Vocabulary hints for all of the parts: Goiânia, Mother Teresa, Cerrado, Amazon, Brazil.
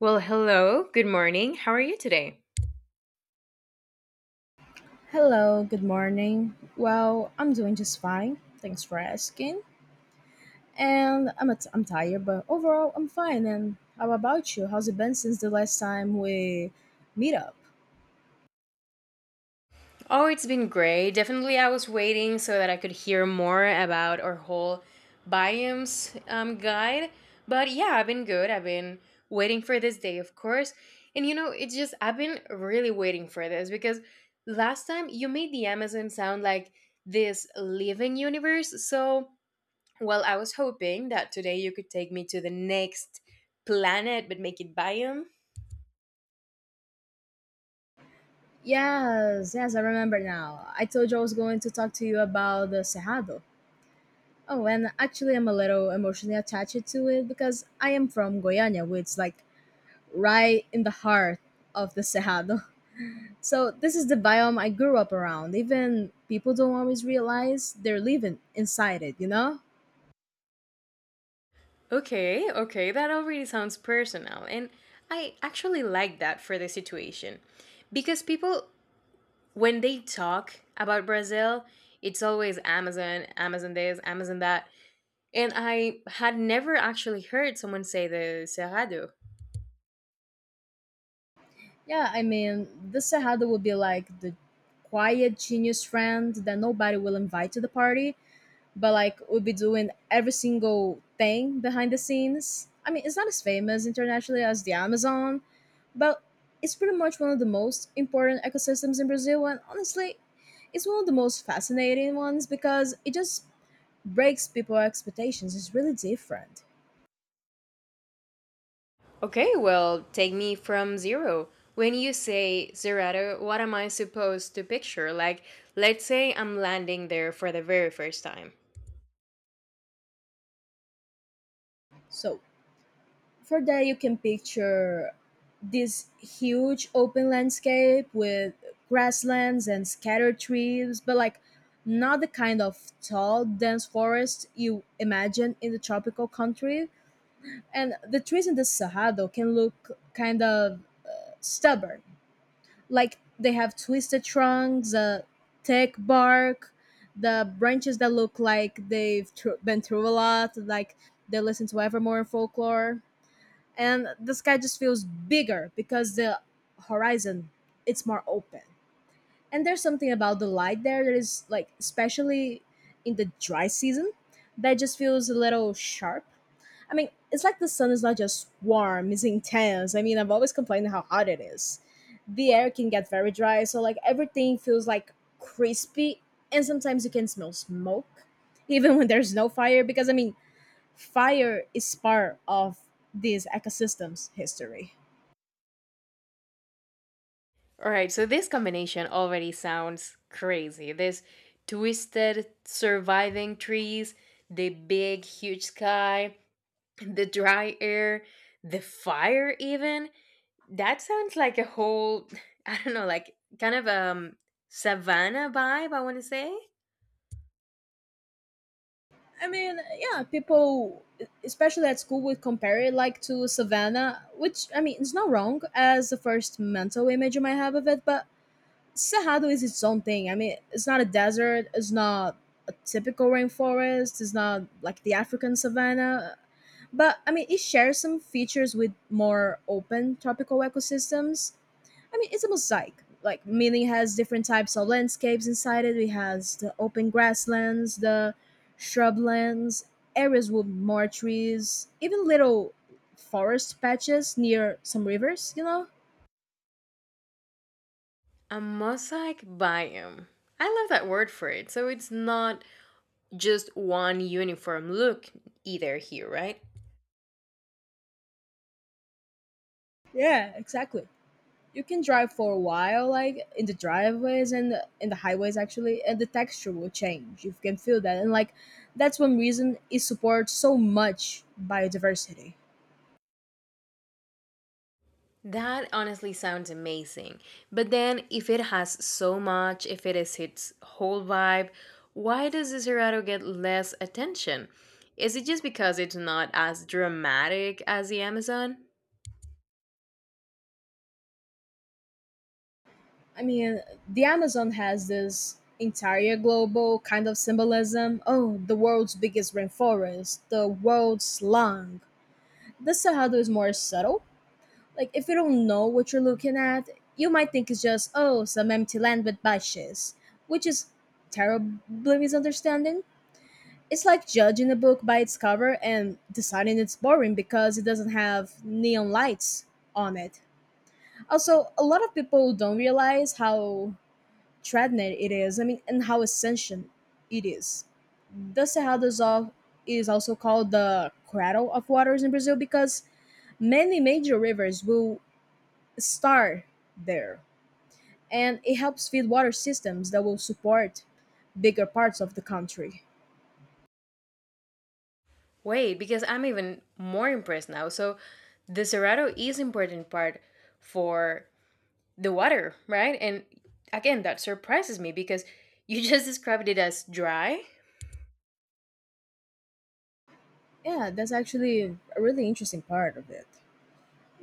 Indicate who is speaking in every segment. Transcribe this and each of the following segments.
Speaker 1: Well, hello, good morning. How are you today?
Speaker 2: Hello, good morning. Well, I'm doing just fine. Thanks for asking. And I'm tired, but overall I'm fine. And how about you? How's it been since the last time we meet up?
Speaker 1: Oh, it's been great. Definitely, I was waiting so that I could hear more about our whole biomes guide. But yeah, I've been good. I've been waiting for this day, of course. And you know, it's just, I've been really waiting for this because last time you made the Amazon sound like this living universe. So, well, I was hoping that today you could take me to the next planet but make it biomes.
Speaker 2: Yes, yes, I remember now. I told you I was going to talk to you about the Cerrado. Oh, and actually I'm a little emotionally attached to it because I am from Goiânia, which is like right in the heart of the Cerrado. So this is the biome I grew up around. Even people don't always realize they're living inside it, you know?
Speaker 1: Okay, okay, that already sounds personal. And I actually like that for the situation. Because people, when they talk about Brazil, it's always Amazon, Amazon this, Amazon that. And I had never actually heard someone say the Cerrado.
Speaker 2: Yeah, I mean, the Cerrado would be like the quiet genius friend that nobody will invite to the party, but like would be doing every single thing behind the scenes. I mean, it's not as famous internationally as the Amazon, but it's pretty much one of the most important ecosystems in Brazil. And honestly, it's one of the most fascinating ones because it just breaks people's expectations. It's really different.
Speaker 1: Okay, well, take me from zero. When you say Cerrado, what am I supposed to picture? Like, let's say I'm landing there for the very first time.
Speaker 2: So for that, you can picture this huge open landscape with grasslands and scattered trees, but like not the kind of tall, dense forest you imagine in the tropical country. And the trees in the Cerrado can look kind of stubborn, like they have twisted trunks, thick bark, the branches that look like they've been through a lot, like they listen to Evermore and folklore. And the sky just feels bigger because the horizon it's more open. And there's something about the light there that is like especially in the dry season that just feels a little sharp. I mean, it's like the sun is not just warm, it's intense. I mean, I've always complained how hot it is. The air can get very dry, so like everything feels like crispy, and sometimes you can smell smoke, even when there's no fire, because I mean, fire is part of these ecosystems' history.
Speaker 1: All right, so this combination already sounds crazy. This twisted surviving trees, the big huge sky, the dry air, the fire even. That sounds like a whole I don't know, like kind of savanna vibe, I want to say.
Speaker 2: I mean, yeah, people, especially at school, would compare it like to Savannah, which I mean, it's not wrong as the first mental image you might have of it, but Cerrado is its own thing. I mean, it's not a desert. It's not a typical rainforest. It's not like the African savanna. But I mean, it shares some features with more open tropical ecosystems. I mean, it's a mosaic. Like, meaning it has different types of landscapes inside it. It has the open grasslands, the shrublands, areas with more trees, even little forest patches near some rivers. You know?
Speaker 1: A mosaic biome. I love that word for it. So it's not just one uniform look either here, right?
Speaker 2: Yeah, exactly. You can drive for a while like in the driveways and in the highways actually, and the texture will change. You can feel that, and like that's one reason it supports so much biodiversity.
Speaker 1: That honestly sounds amazing. But then, if it has so much, if it is its whole vibe, why does Desirado get less attention? Is it just because it's not as dramatic as the Amazon?
Speaker 2: I mean, the Amazon has this entire global kind of symbolism. Oh, the world's biggest rainforest, the world's lung. The Cerrado is more subtle. Like, if you don't know what you're looking at, you might think it's just, oh, some empty land with bushes, which is terribly misunderstanding. It's like judging a book by its cover and deciding it's boring because it doesn't have neon lights on it. Also, a lot of people don't realize how threatening it is, I mean, and how essential it is. The Cerrado do Sol is also called the cradle of waters in Brazil because many major rivers will start there, and it helps feed water systems that will support bigger parts of the country.
Speaker 1: Wait, because I'm even more impressed now. So, Desirado is important part for the water, right? And again, that surprises me because you just described it as dry.
Speaker 2: Yeah, that's actually a really interesting part of it.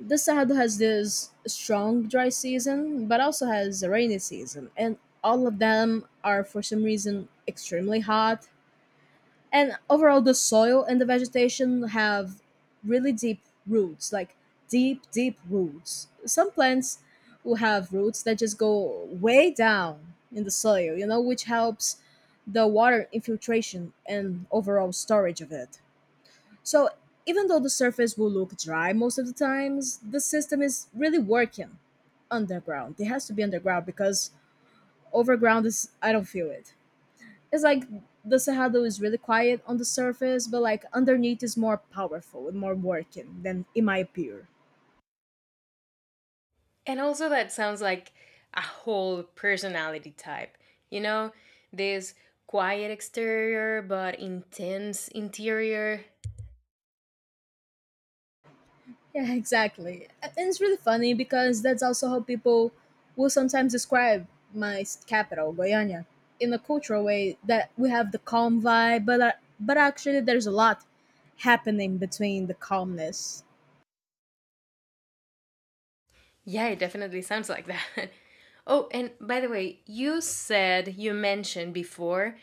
Speaker 2: The south has this strong dry season but also has a rainy season, and all of them are for some reason extremely hot. And overall the soil and the vegetation have really deep roots, like deep deep roots. Some plants will have roots that just go way down in the soil, you know, which helps the water infiltration and overall storage of it. So even though the surface will look dry most of the times, the system is really working underground. It has to be underground because overground is I don't feel it. It's like the Cerrado is really quiet on the surface, but like underneath is more powerful and more working than it might appear.
Speaker 1: And also, that sounds like a whole personality type. You know, this quiet exterior but intense interior.
Speaker 2: Yeah, exactly. And it's really funny because that's also how people will sometimes describe my capital, Goiânia, in a cultural way that we have the calm vibe, but actually there's a lot happening between the calmness.
Speaker 1: Yeah, it definitely sounds like that. Oh, and by the way, you said you mentioned before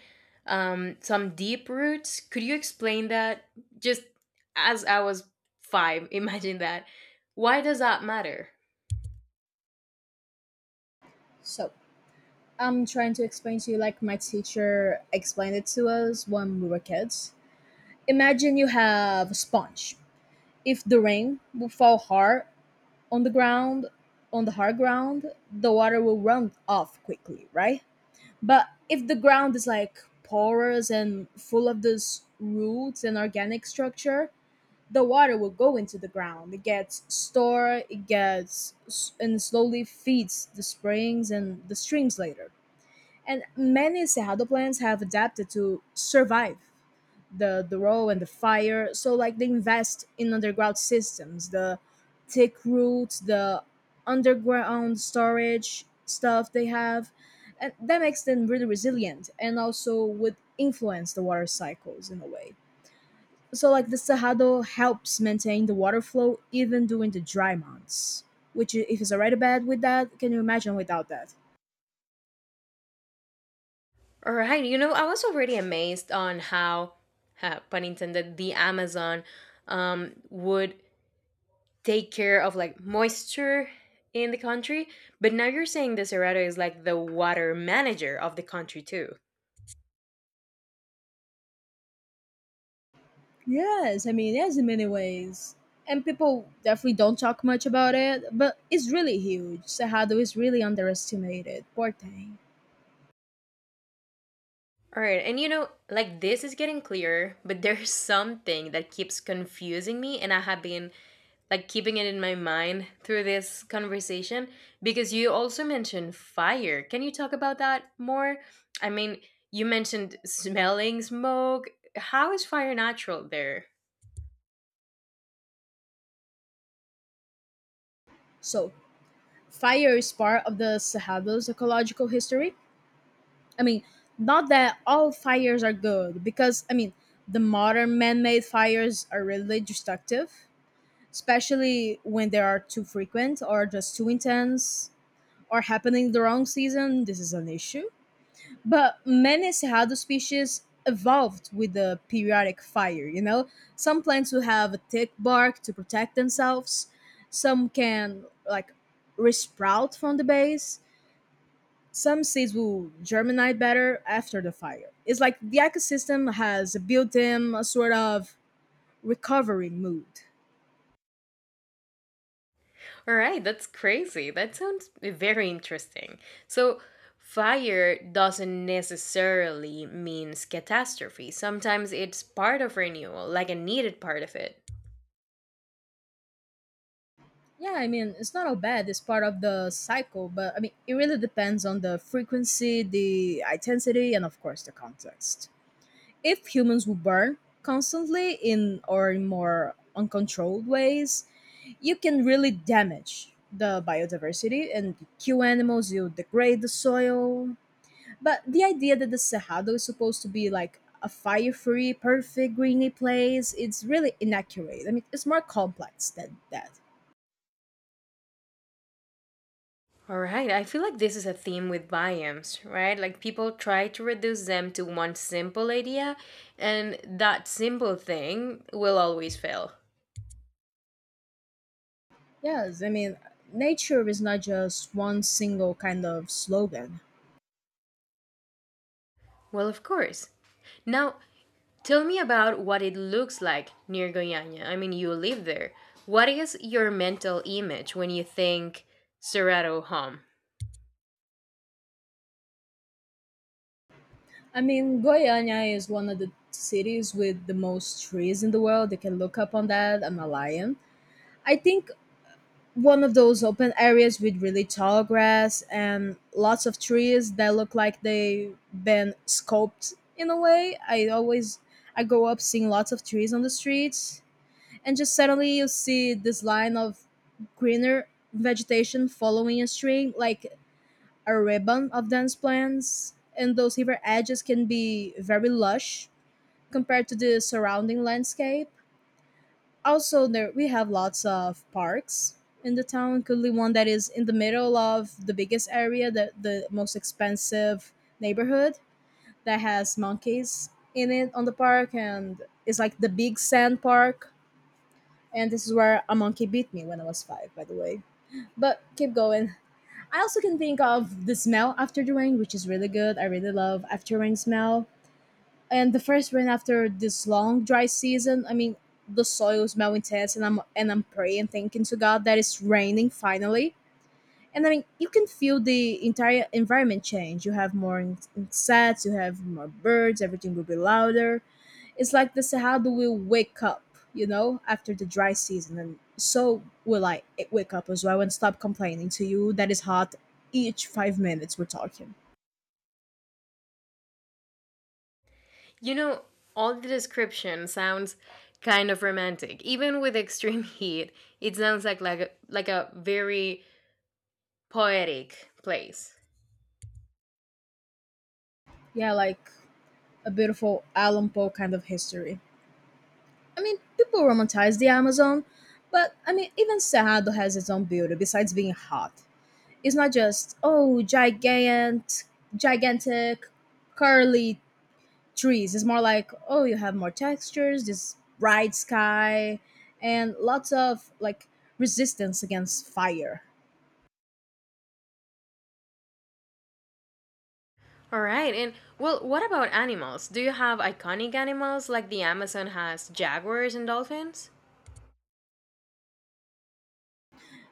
Speaker 1: some deep roots. Could you explain that? Just as I was five, imagine that. Why does that matter?
Speaker 2: So I'm trying to explain to you like my teacher explained it to us when we were kids. Imagine you have a sponge. If the rain will fall hard on the ground, on the hard ground, the water will run off quickly, right? But if the ground is like porous and full of those roots and organic structure, the water will go into the ground. It gets stored, and slowly feeds the springs and the streams later. And many Cerrado plants have adapted to survive the road and the fire. So like they invest in underground systems, the thick roots, the underground storage stuff they have, and that makes them really resilient and also would influence the water cycles in a way. So like the Cerrado helps maintain the water flow even during the dry months, if it's already bad with that, can you imagine without that?
Speaker 1: All right, you know, I was already amazed on how, pun intended, the Amazon would take care of like moisture in the country. But now you're saying the Cerrado is like the water manager of the country too.
Speaker 2: Yes, I mean, there's in many ways. And people definitely don't talk much about it, but it's really huge. Cerrado is really underestimated. Poor thing.
Speaker 1: All right, and you know, like this is getting clearer, but there's something that keeps confusing me, and I have been like keeping it in my mind through this conversation because you also mentioned fire. Can you talk about that more? I mean, you mentioned smelling smoke. How is fire natural there?
Speaker 2: So, fire is part of the Cerrado's ecological history. I mean, not that all fires are good, because, I mean, the modern man made fires are really destructive, especially when they are too frequent or just too intense or happening the wrong season. This is an issue. But many Cerrado species evolved with the periodic fire, you know? Some plants will have a thick bark to protect themselves. Some can, like, resprout from the base. Some seeds will germinate better after the fire. It's like the ecosystem has built in a sort of recovery mood.
Speaker 1: All right, that's crazy. That sounds very interesting. So, fire doesn't necessarily means catastrophe. Sometimes it's part of renewal, like a needed part of it.
Speaker 2: Yeah, I mean, it's not all bad. It's part of the cycle, but I mean, it really depends on the frequency, the intensity, and of course, the context. If humans would burn constantly in or in more uncontrolled ways, you can really damage the biodiversity and kill animals, you degrade the soil. But the idea that the Cerrado is supposed to be like a fire free, perfect, greeny place, it's really inaccurate. I mean, it's more complex than that.
Speaker 1: All right, I feel like this is a theme with biomes, right? Like people try to reduce them to one simple idea, and that simple thing will always fail.
Speaker 2: Yes, I mean, nature is not just one single kind of slogan.
Speaker 1: Well, of course. Now, tell me about what it looks like near Goiânia. I mean, you live there. What is your mental image when you think Cerrado home?
Speaker 2: I mean, Goiânia is one of the cities with the most trees in the world. They can look up on that. I'm a lion. I think one of those open areas with really tall grass and lots of trees that look like they've been sculpted in a way. I grow up seeing lots of trees on the streets, and just suddenly you see this line of greener vegetation following a string, like a ribbon of dense plants. And those river edges can be very lush compared to the surrounding landscape. Also, there we have lots of parks in the town, including one that is in the middle of the biggest area, the most expensive neighborhood that has monkeys in it on the park, and it's like the big sand park. And this is where a monkey beat me when I was five, by the way. But keep going. I also can think of the smell after the rain, which is really good. I really love after rain smell. And the first rain after this long dry season, I mean, the soil is now intense, and I'm praying, thanking to God that it's raining finally. And I mean, you can feel the entire environment change. You have more insects, you have more birds, everything will be louder. It's like the sahada will wake up, you know, after the dry season, and so will I wake up as well and stop complaining to you that it's hot each 5 minutes we're talking.
Speaker 1: You know, all the description sounds kind of romantic. Even with extreme heat, it sounds like a very poetic place.
Speaker 2: Yeah, like a beautiful Alan Poe kind of history. I mean, people romanticize the Amazon, but I mean, even Cerrado has its own beauty besides being hot. It's not just, oh, giant, gigantic, curly trees. It's more like, oh, you have more textures, this bright sky, and lots of like resistance against fire.
Speaker 1: All right. And well, what about animals? Do you have iconic animals like the Amazon has jaguars and dolphins?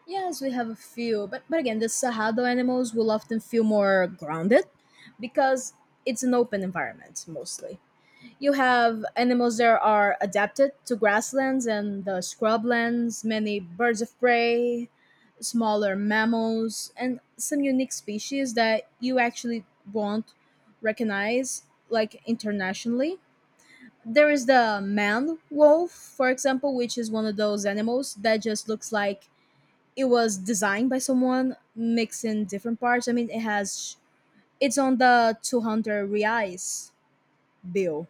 Speaker 2: Yes, we have a few, but again, the Cerrado animals will often feel more grounded because it's an open environment mostly. You have animals that are adapted to grasslands and the scrublands, many birds of prey, smaller mammals, and some unique species that you actually won't recognize like internationally. There is the man wolf, for example, which is one of those animals that just looks like it was designed by someone mixing different parts. I mean, it's on the 200 reais bill.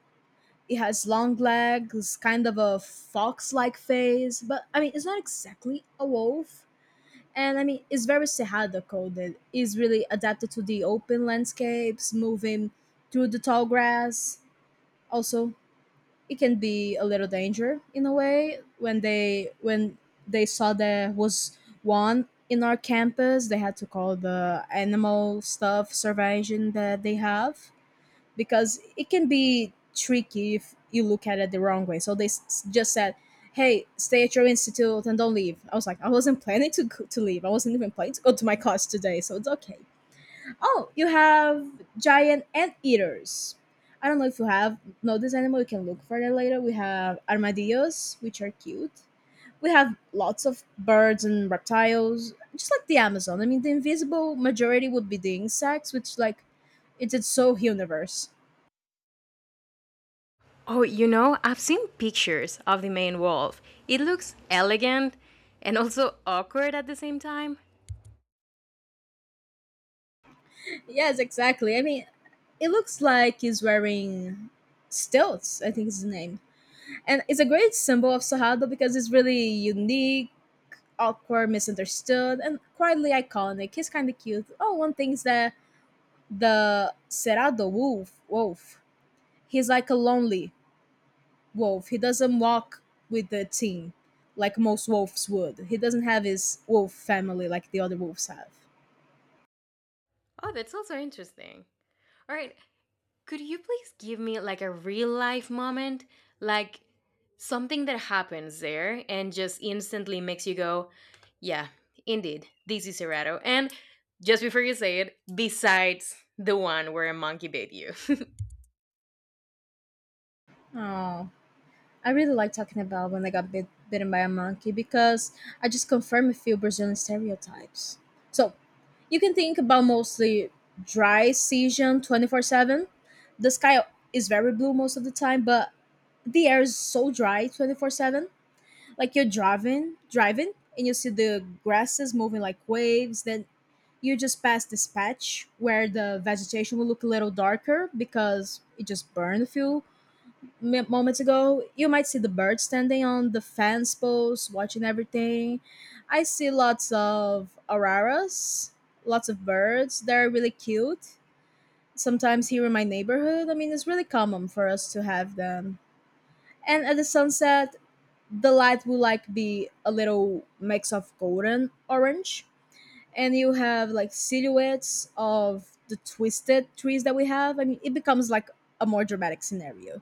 Speaker 2: It has long legs, kind of a fox-like face, but I mean, it's not exactly a wolf. And I mean, it's very Cerrado coded. It's really adapted to the open landscapes, moving through the tall grass. Also, it can be a little danger in a way. When they saw there was one in our campus, they had to call the animal stuff survey that they have, because it can be tricky if you look at it the wrong way. So they just said, "Hey, stay at your institute and don't leave." I was like, I wasn't planning to to leave. I wasn't even planning to go to my class today, so it's okay. Oh, you have giant anteaters. I don't know if you have know this animal. You can look for that later. We have armadillos, which are cute. We have lots of birds and reptiles, just like the Amazon. I mean, the invisible majority would be the insects, which like it's its so universe.
Speaker 1: Oh, you know, I've seen pictures of the main wolf. It looks elegant and also awkward at the same time.
Speaker 2: Yes, exactly. I mean, it looks like he's wearing stilts, I think is the name. And it's a great symbol of Sahado because it's really unique, awkward, misunderstood, and quietly iconic. He's kind of cute. Oh, one thing is that the Cerrado wolf, he's like a lonely wolf. He doesn't walk with the team like most wolves would. He doesn't have his wolf family like the other wolves have.
Speaker 1: Oh, that's also interesting. All right, could you please give me like a real life moment? Like something that happens there and just instantly makes you go, yeah, indeed, this is Cerrado. And just before you say it, besides the one where a monkey bit you.
Speaker 2: Oh, I really like talking about when I got bitten by a monkey because I just confirm a few Brazilian stereotypes. So you can think about mostly dry season 24/7. The sky is very blue most of the time, but the air is so dry 24/7. Like you're driving, and you see the grasses moving like waves. Then you just pass this patch where the vegetation will look a little darker because it just burned a few moments ago. You might see the bird standing on the fence post, watching everything. I see lots of auroras, lots of birds. They're really cute. Sometimes here in my neighborhood, I mean, it's really common for us to have them. And at the sunset, the light will like be a little mix of golden orange, and you have like silhouettes of the twisted trees that we have. I mean, it becomes like a more dramatic scenario.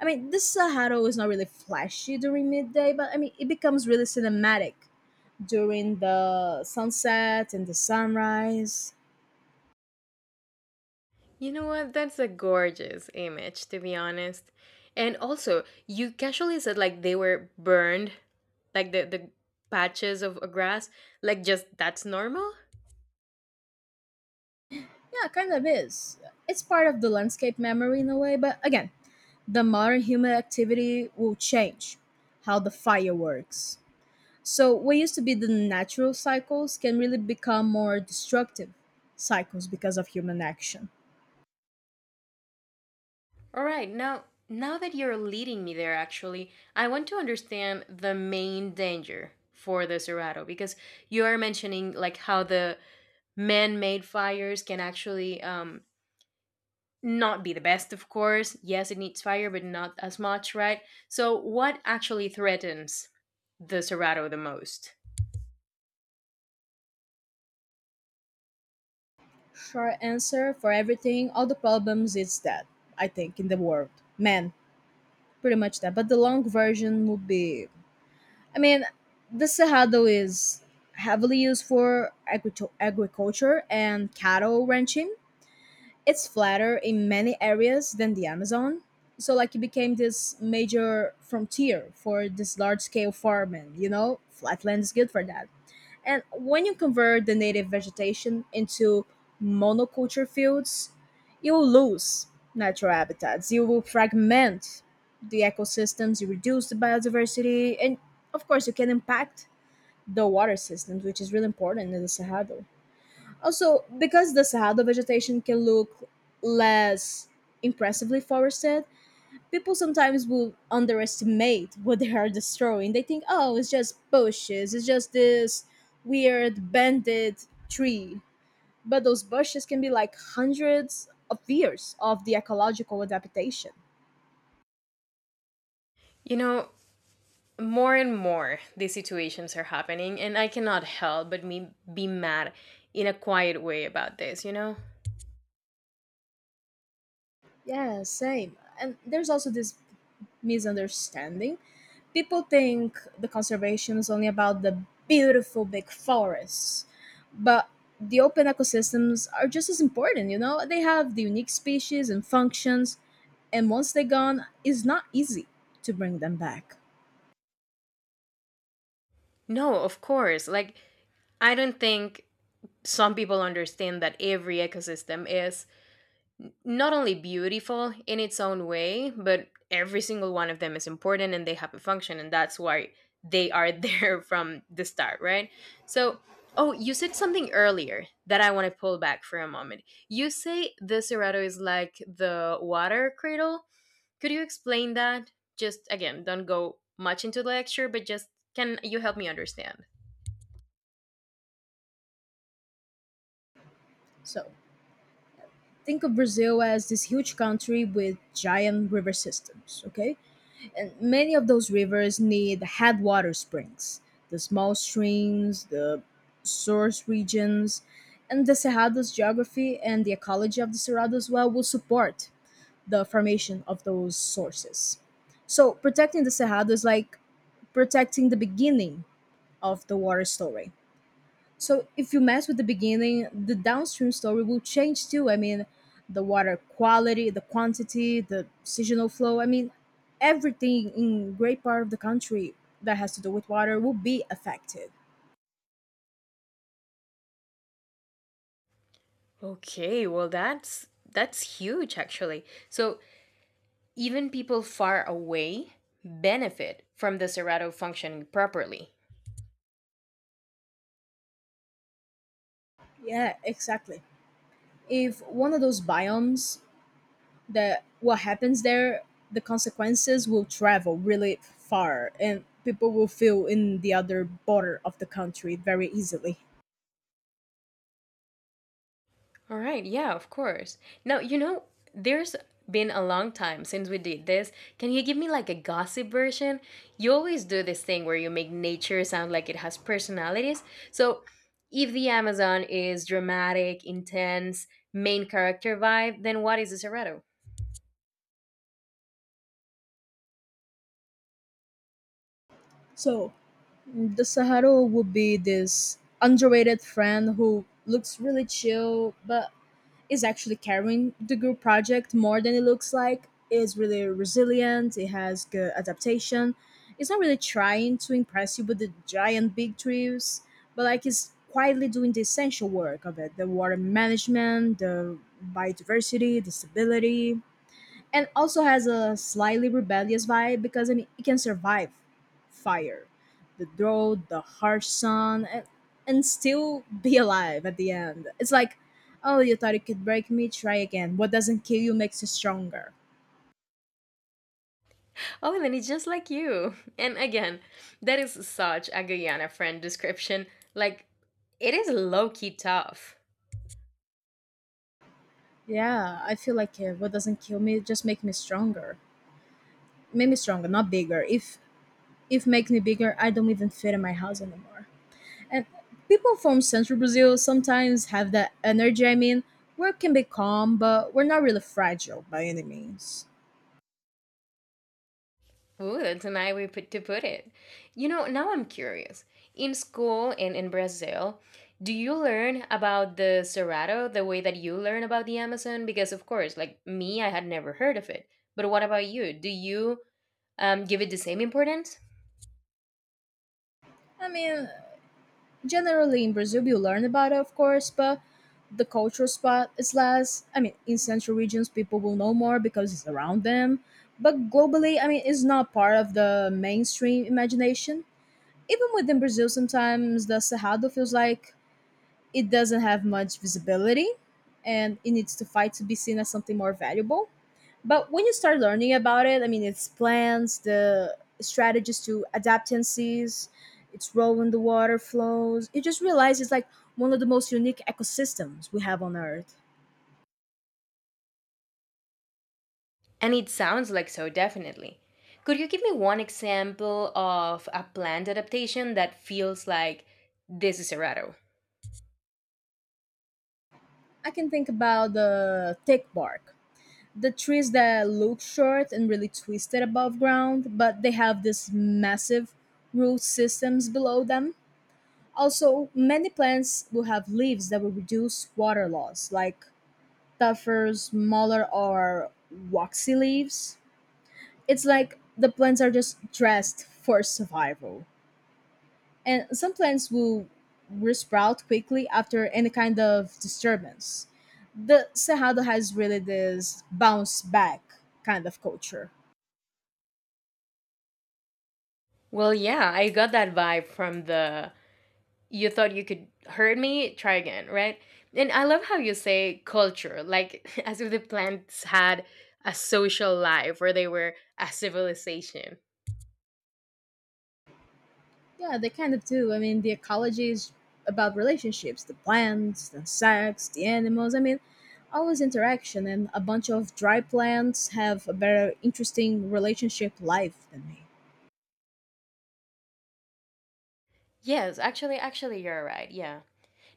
Speaker 2: I mean, this Sahara is not really flashy during midday, but I mean, it becomes really cinematic during the sunset and the sunrise.
Speaker 1: You know what? That's a gorgeous image, to be honest. And also, you casually said like they were burned, like the patches of grass, like just that's normal.
Speaker 2: Yeah, it kind of is. It's part of the landscape memory in a way, but again, the modern human activity will change how the fire works. So, what used to be the natural cycles can really become more destructive cycles because of human action.
Speaker 1: All right, now that you're leading me there, actually, I want to understand the main danger for the Cerrado because you are mentioning like how the man-made fires can actually not be the best, of course. Yes, it needs fire, but not as much, right? So, what actually threatens the Cerrado the most?
Speaker 2: Short answer for everything, all the problems is that, I think, in the world. Man, pretty much that. But the long version would be, I mean, the Cerrado is heavily used for agriculture and cattle ranching. It's flatter in many areas than the Amazon. So like it became this major frontier for this large scale farming, you know? Flatland is good for that. And when you convert the native vegetation into monoculture fields, you will lose natural habitats. You will fragment the ecosystems, you reduce the biodiversity, and of course you can impact the water systems, which is really important in the Cerrado. Also, because the Sahara vegetation can look less impressively forested, people sometimes will underestimate what they are destroying. They think, oh, it's just bushes, it's just this weird banded tree. But those bushes can be like hundreds of years of the ecological adaptation.
Speaker 1: You know, more and more these situations are happening, and I cannot help but me be mad in a quiet way about this, you know?
Speaker 2: Yeah, same. And there's also this misunderstanding. People think the conservation is only about the beautiful big forests, but the open ecosystems are just as important, you know? They have the unique species and functions, and once they're gone, it's not easy to bring them back.
Speaker 1: No, of course. Like, I don't think some people understand that every ecosystem is not only beautiful in its own way, but every single one of them is important and they have a function, and that's why they are there from the start, right? So, oh, you said something earlier that I want to pull back for a moment. You say the Cerrado is like the water cradle. Could you explain that? Just again, don't go much into the lecture, but just can you help me understand?
Speaker 2: So think of Brazil as this huge country with giant river systems, okay? And many of those rivers need headwater springs. The small streams, the source regions, and the Cerrado's geography and the ecology of the Cerrado as well will support the formation of those sources. So protecting the Cerrado is like protecting the beginning of the water story. So if you mess with the beginning, the downstream story will change too. I mean, the water quality, the quantity, the seasonal flow. I mean, everything in great part of the country that has to do with water will be affected.
Speaker 1: Okay, well, that's huge actually. So even people far away benefit from the Serrato functioning properly.
Speaker 2: Yeah, exactly. If one of those biomes, that what happens there, the consequences will travel really far and people will feel in the other border of the country very easily.
Speaker 1: All right, yeah, of course. Now, you know, there's been a long time since we did this. Can you give me like a gossip version? You always do this thing where you make nature sound like it has personalities. So, if the Amazon is dramatic, intense, main character vibe, then what is the Cerrado?
Speaker 2: So the Saharo would be this underrated friend who looks really chill but is actually carrying the group project more than it looks like. Is really resilient, it has good adaptation. It's not really trying to impress you with the giant big trees, but like it's quietly doing the essential work of it, the water management, the biodiversity, the stability, and also has a slightly rebellious vibe because I mean, it can survive fire, the drought, the harsh sun, and still be alive at the end. It's like, oh, you thought it could break me? Try again. What doesn't kill you makes you stronger.
Speaker 1: Oh, then he's just like you. And again, that is such a Guyana friend description. Like, it is low key tough.
Speaker 2: Yeah, I feel like it. What doesn't kill me just make me stronger. Make me stronger, not bigger. If makes me bigger, I don't even fit in my house anymore. And people from Central Brazil sometimes have that energy. I mean, we can be calm, but we're not really fragile by any means.
Speaker 1: Ooh, that's a nice way put, to put it. You know, now I'm curious. In school and in Brazil, do you learn about the Cerrado the way that you learn about the Amazon? Because, of course, like me, I had never heard of it. But what about you? Do you give it the same importance?
Speaker 2: I mean, generally in Brazil, you learn about it, of course, but the cultural spot is less. I mean, in central regions, people will know more because it's around them. But globally, I mean, it's not part of the mainstream imagination. Even within Brazil, sometimes the Cerrado feels like it doesn't have much visibility and it needs to fight to be seen as something more valuable. But when you start learning about it, I mean, its plans, the strategies to adaptances, its role in the water flows, you just realize it's like one of the most unique ecosystems we have on Earth.
Speaker 1: And it sounds like so, definitely. Could you give me one example of a planned adaptation that feels like this is Errato?
Speaker 2: I can think about the thick bark, the trees that look short and really twisted above ground, but they have these massive root systems below them. Also, many plants will have leaves that will reduce water loss, like tougher, smaller, or waxy leaves. It's like the plants are just dressed for survival. And some plants will resprout quickly after any kind of disturbance. The Cerrado has really this bounce back kind of culture.
Speaker 1: Well, yeah, I got that vibe from the you thought you could hurt me, try again, right? And I love how you say culture, like as if the plants had a social life or they were a civilization.
Speaker 2: Yeah, they kind of do. I mean, the ecology is about relationships, the plants, the insects, the animals. I mean, always interaction, and a bunch of dry plants have a better, interesting relationship life than me.
Speaker 1: Yes, actually, you're right. Yeah.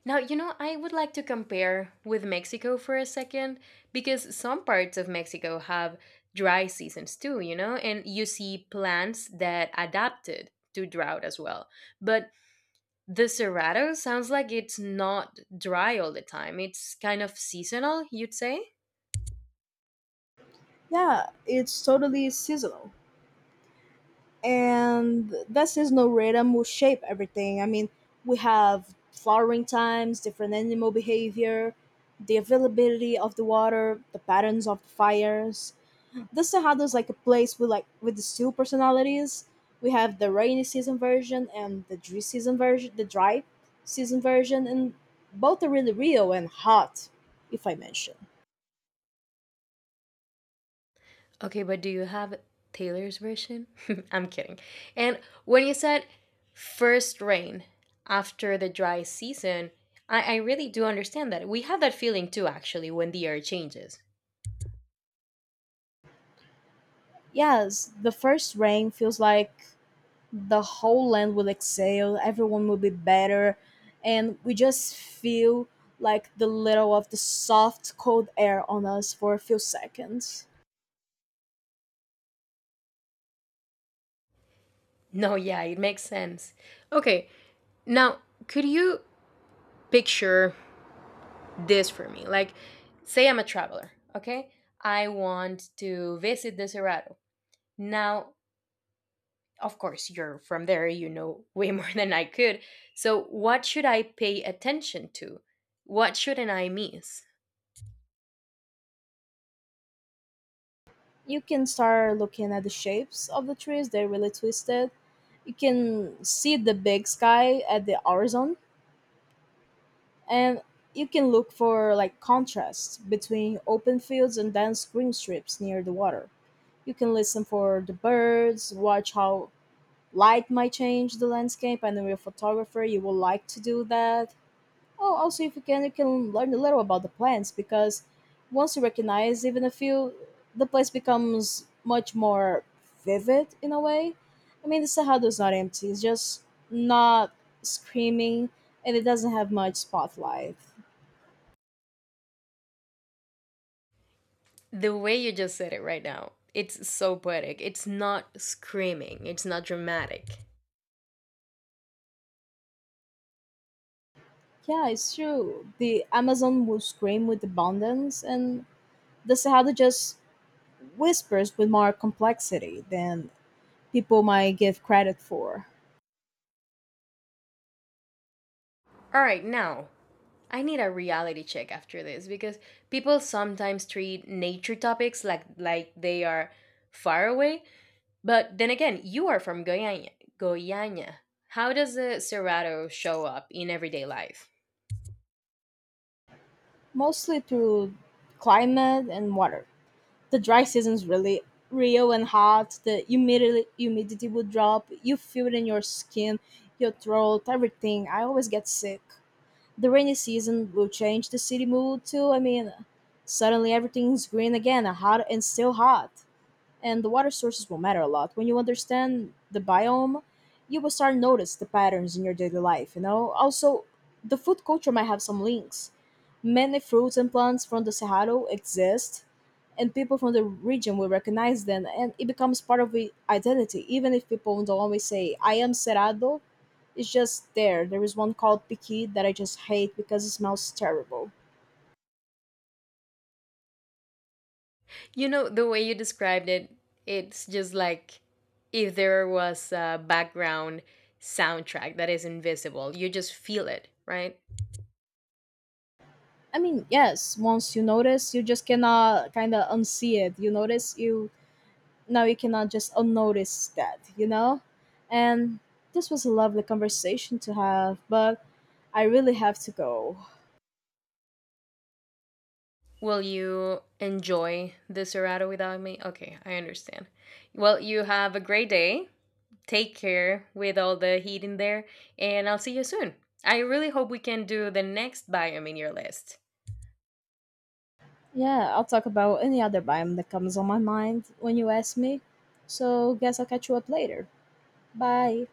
Speaker 1: Now, you know, I would like to compare with Mexico for a second because some parts of Mexico have dry seasons too, you know, and you see plants that adapted to drought as well. But the Cerrado sounds like it's not dry all the time, it's kind of seasonal, you'd say?
Speaker 2: Yeah, it's totally seasonal. And that seasonal rhythm will shape everything. I mean, we have flowering times, different animal behavior, the availability of the water, the patterns of the fires. The Cerrado is like a place with like with the two personalities. We have the rainy season version and the dry season version, the dry season version, and both are really real and hot, if I mention.
Speaker 1: Okay, but do you have Taylor's version? I'm kidding. And when you said first rain after the dry season, I really do understand that. We have that feeling too, actually, when the air changes.
Speaker 2: Yes, the first rain feels like the whole land will exhale, everyone will be better, and we just feel like the little of the soft cold air on us for a few seconds.
Speaker 1: No, yeah, it makes sense. Okay, now could you picture this for me? Like, say I'm a traveler, okay? I want to visit the Cerrado. Now, of course you're from there, you know way more than I could. So what should I pay attention to? What shouldn't I miss?
Speaker 2: You can start looking at the shapes of the trees, they're really twisted. You can see the big sky at the horizon, and you can look for like contrast between open fields and dense green strips near the water. You can listen for the birds, watch how light might change the landscape, and know you're a photographer, you will like to do that. Oh, also if you can, you can learn a little about the plants because once you recognize even a few, the place becomes much more vivid in a way. I mean, the Cerrado is not empty; it's just not screaming, and it doesn't have much spotlight.
Speaker 1: The way you just said it right now, it's so poetic. It's not screaming, it's not dramatic.
Speaker 2: Yeah, it's true. The Amazon will scream with abundance, and the Cerrado just whispers with more complexity than people might give credit for,
Speaker 1: All right, now I need a reality check after this because people sometimes treat nature topics like they are far away, but then again, you are from Goiânia. How does the Cerrado show up in everyday life?
Speaker 2: mostly through climate and water. The dry season's really real and hot. The humidity would drop. You feel it in your skin, your throat, everything. I always get sick. The rainy season will change the city mood too. I mean, suddenly everything's green again, hot and still hot. And the water sources will matter a lot. When you understand the biome, you will start notice the patterns in your daily life. You know. Also, the food culture might have some links. Many fruits and plants from the Cerrado exist, and people from the region will recognize them, and it becomes part of the identity. Even if people don't always say, I am Cerrado, it's just there. There is one called Piqui that I just hate because it smells terrible.
Speaker 1: You know, the way you described it, it's just like if there was a background soundtrack that is invisible, you just feel it, right?
Speaker 2: I mean, yes, once you notice, you just cannot kind of unsee it. You notice, you now you cannot just unnotice that, you know? And this was a lovely conversation to have, but I really have to go.
Speaker 1: Will you enjoy the Serato without me? Okay, I understand. Well, you have a great day. Take care with all the heat in there, and I'll see you soon. I really hope we can do the next biome in your list.
Speaker 2: Yeah, I'll talk about any other biome that comes on my mind when you ask me. So, guess I'll catch you up later. Bye.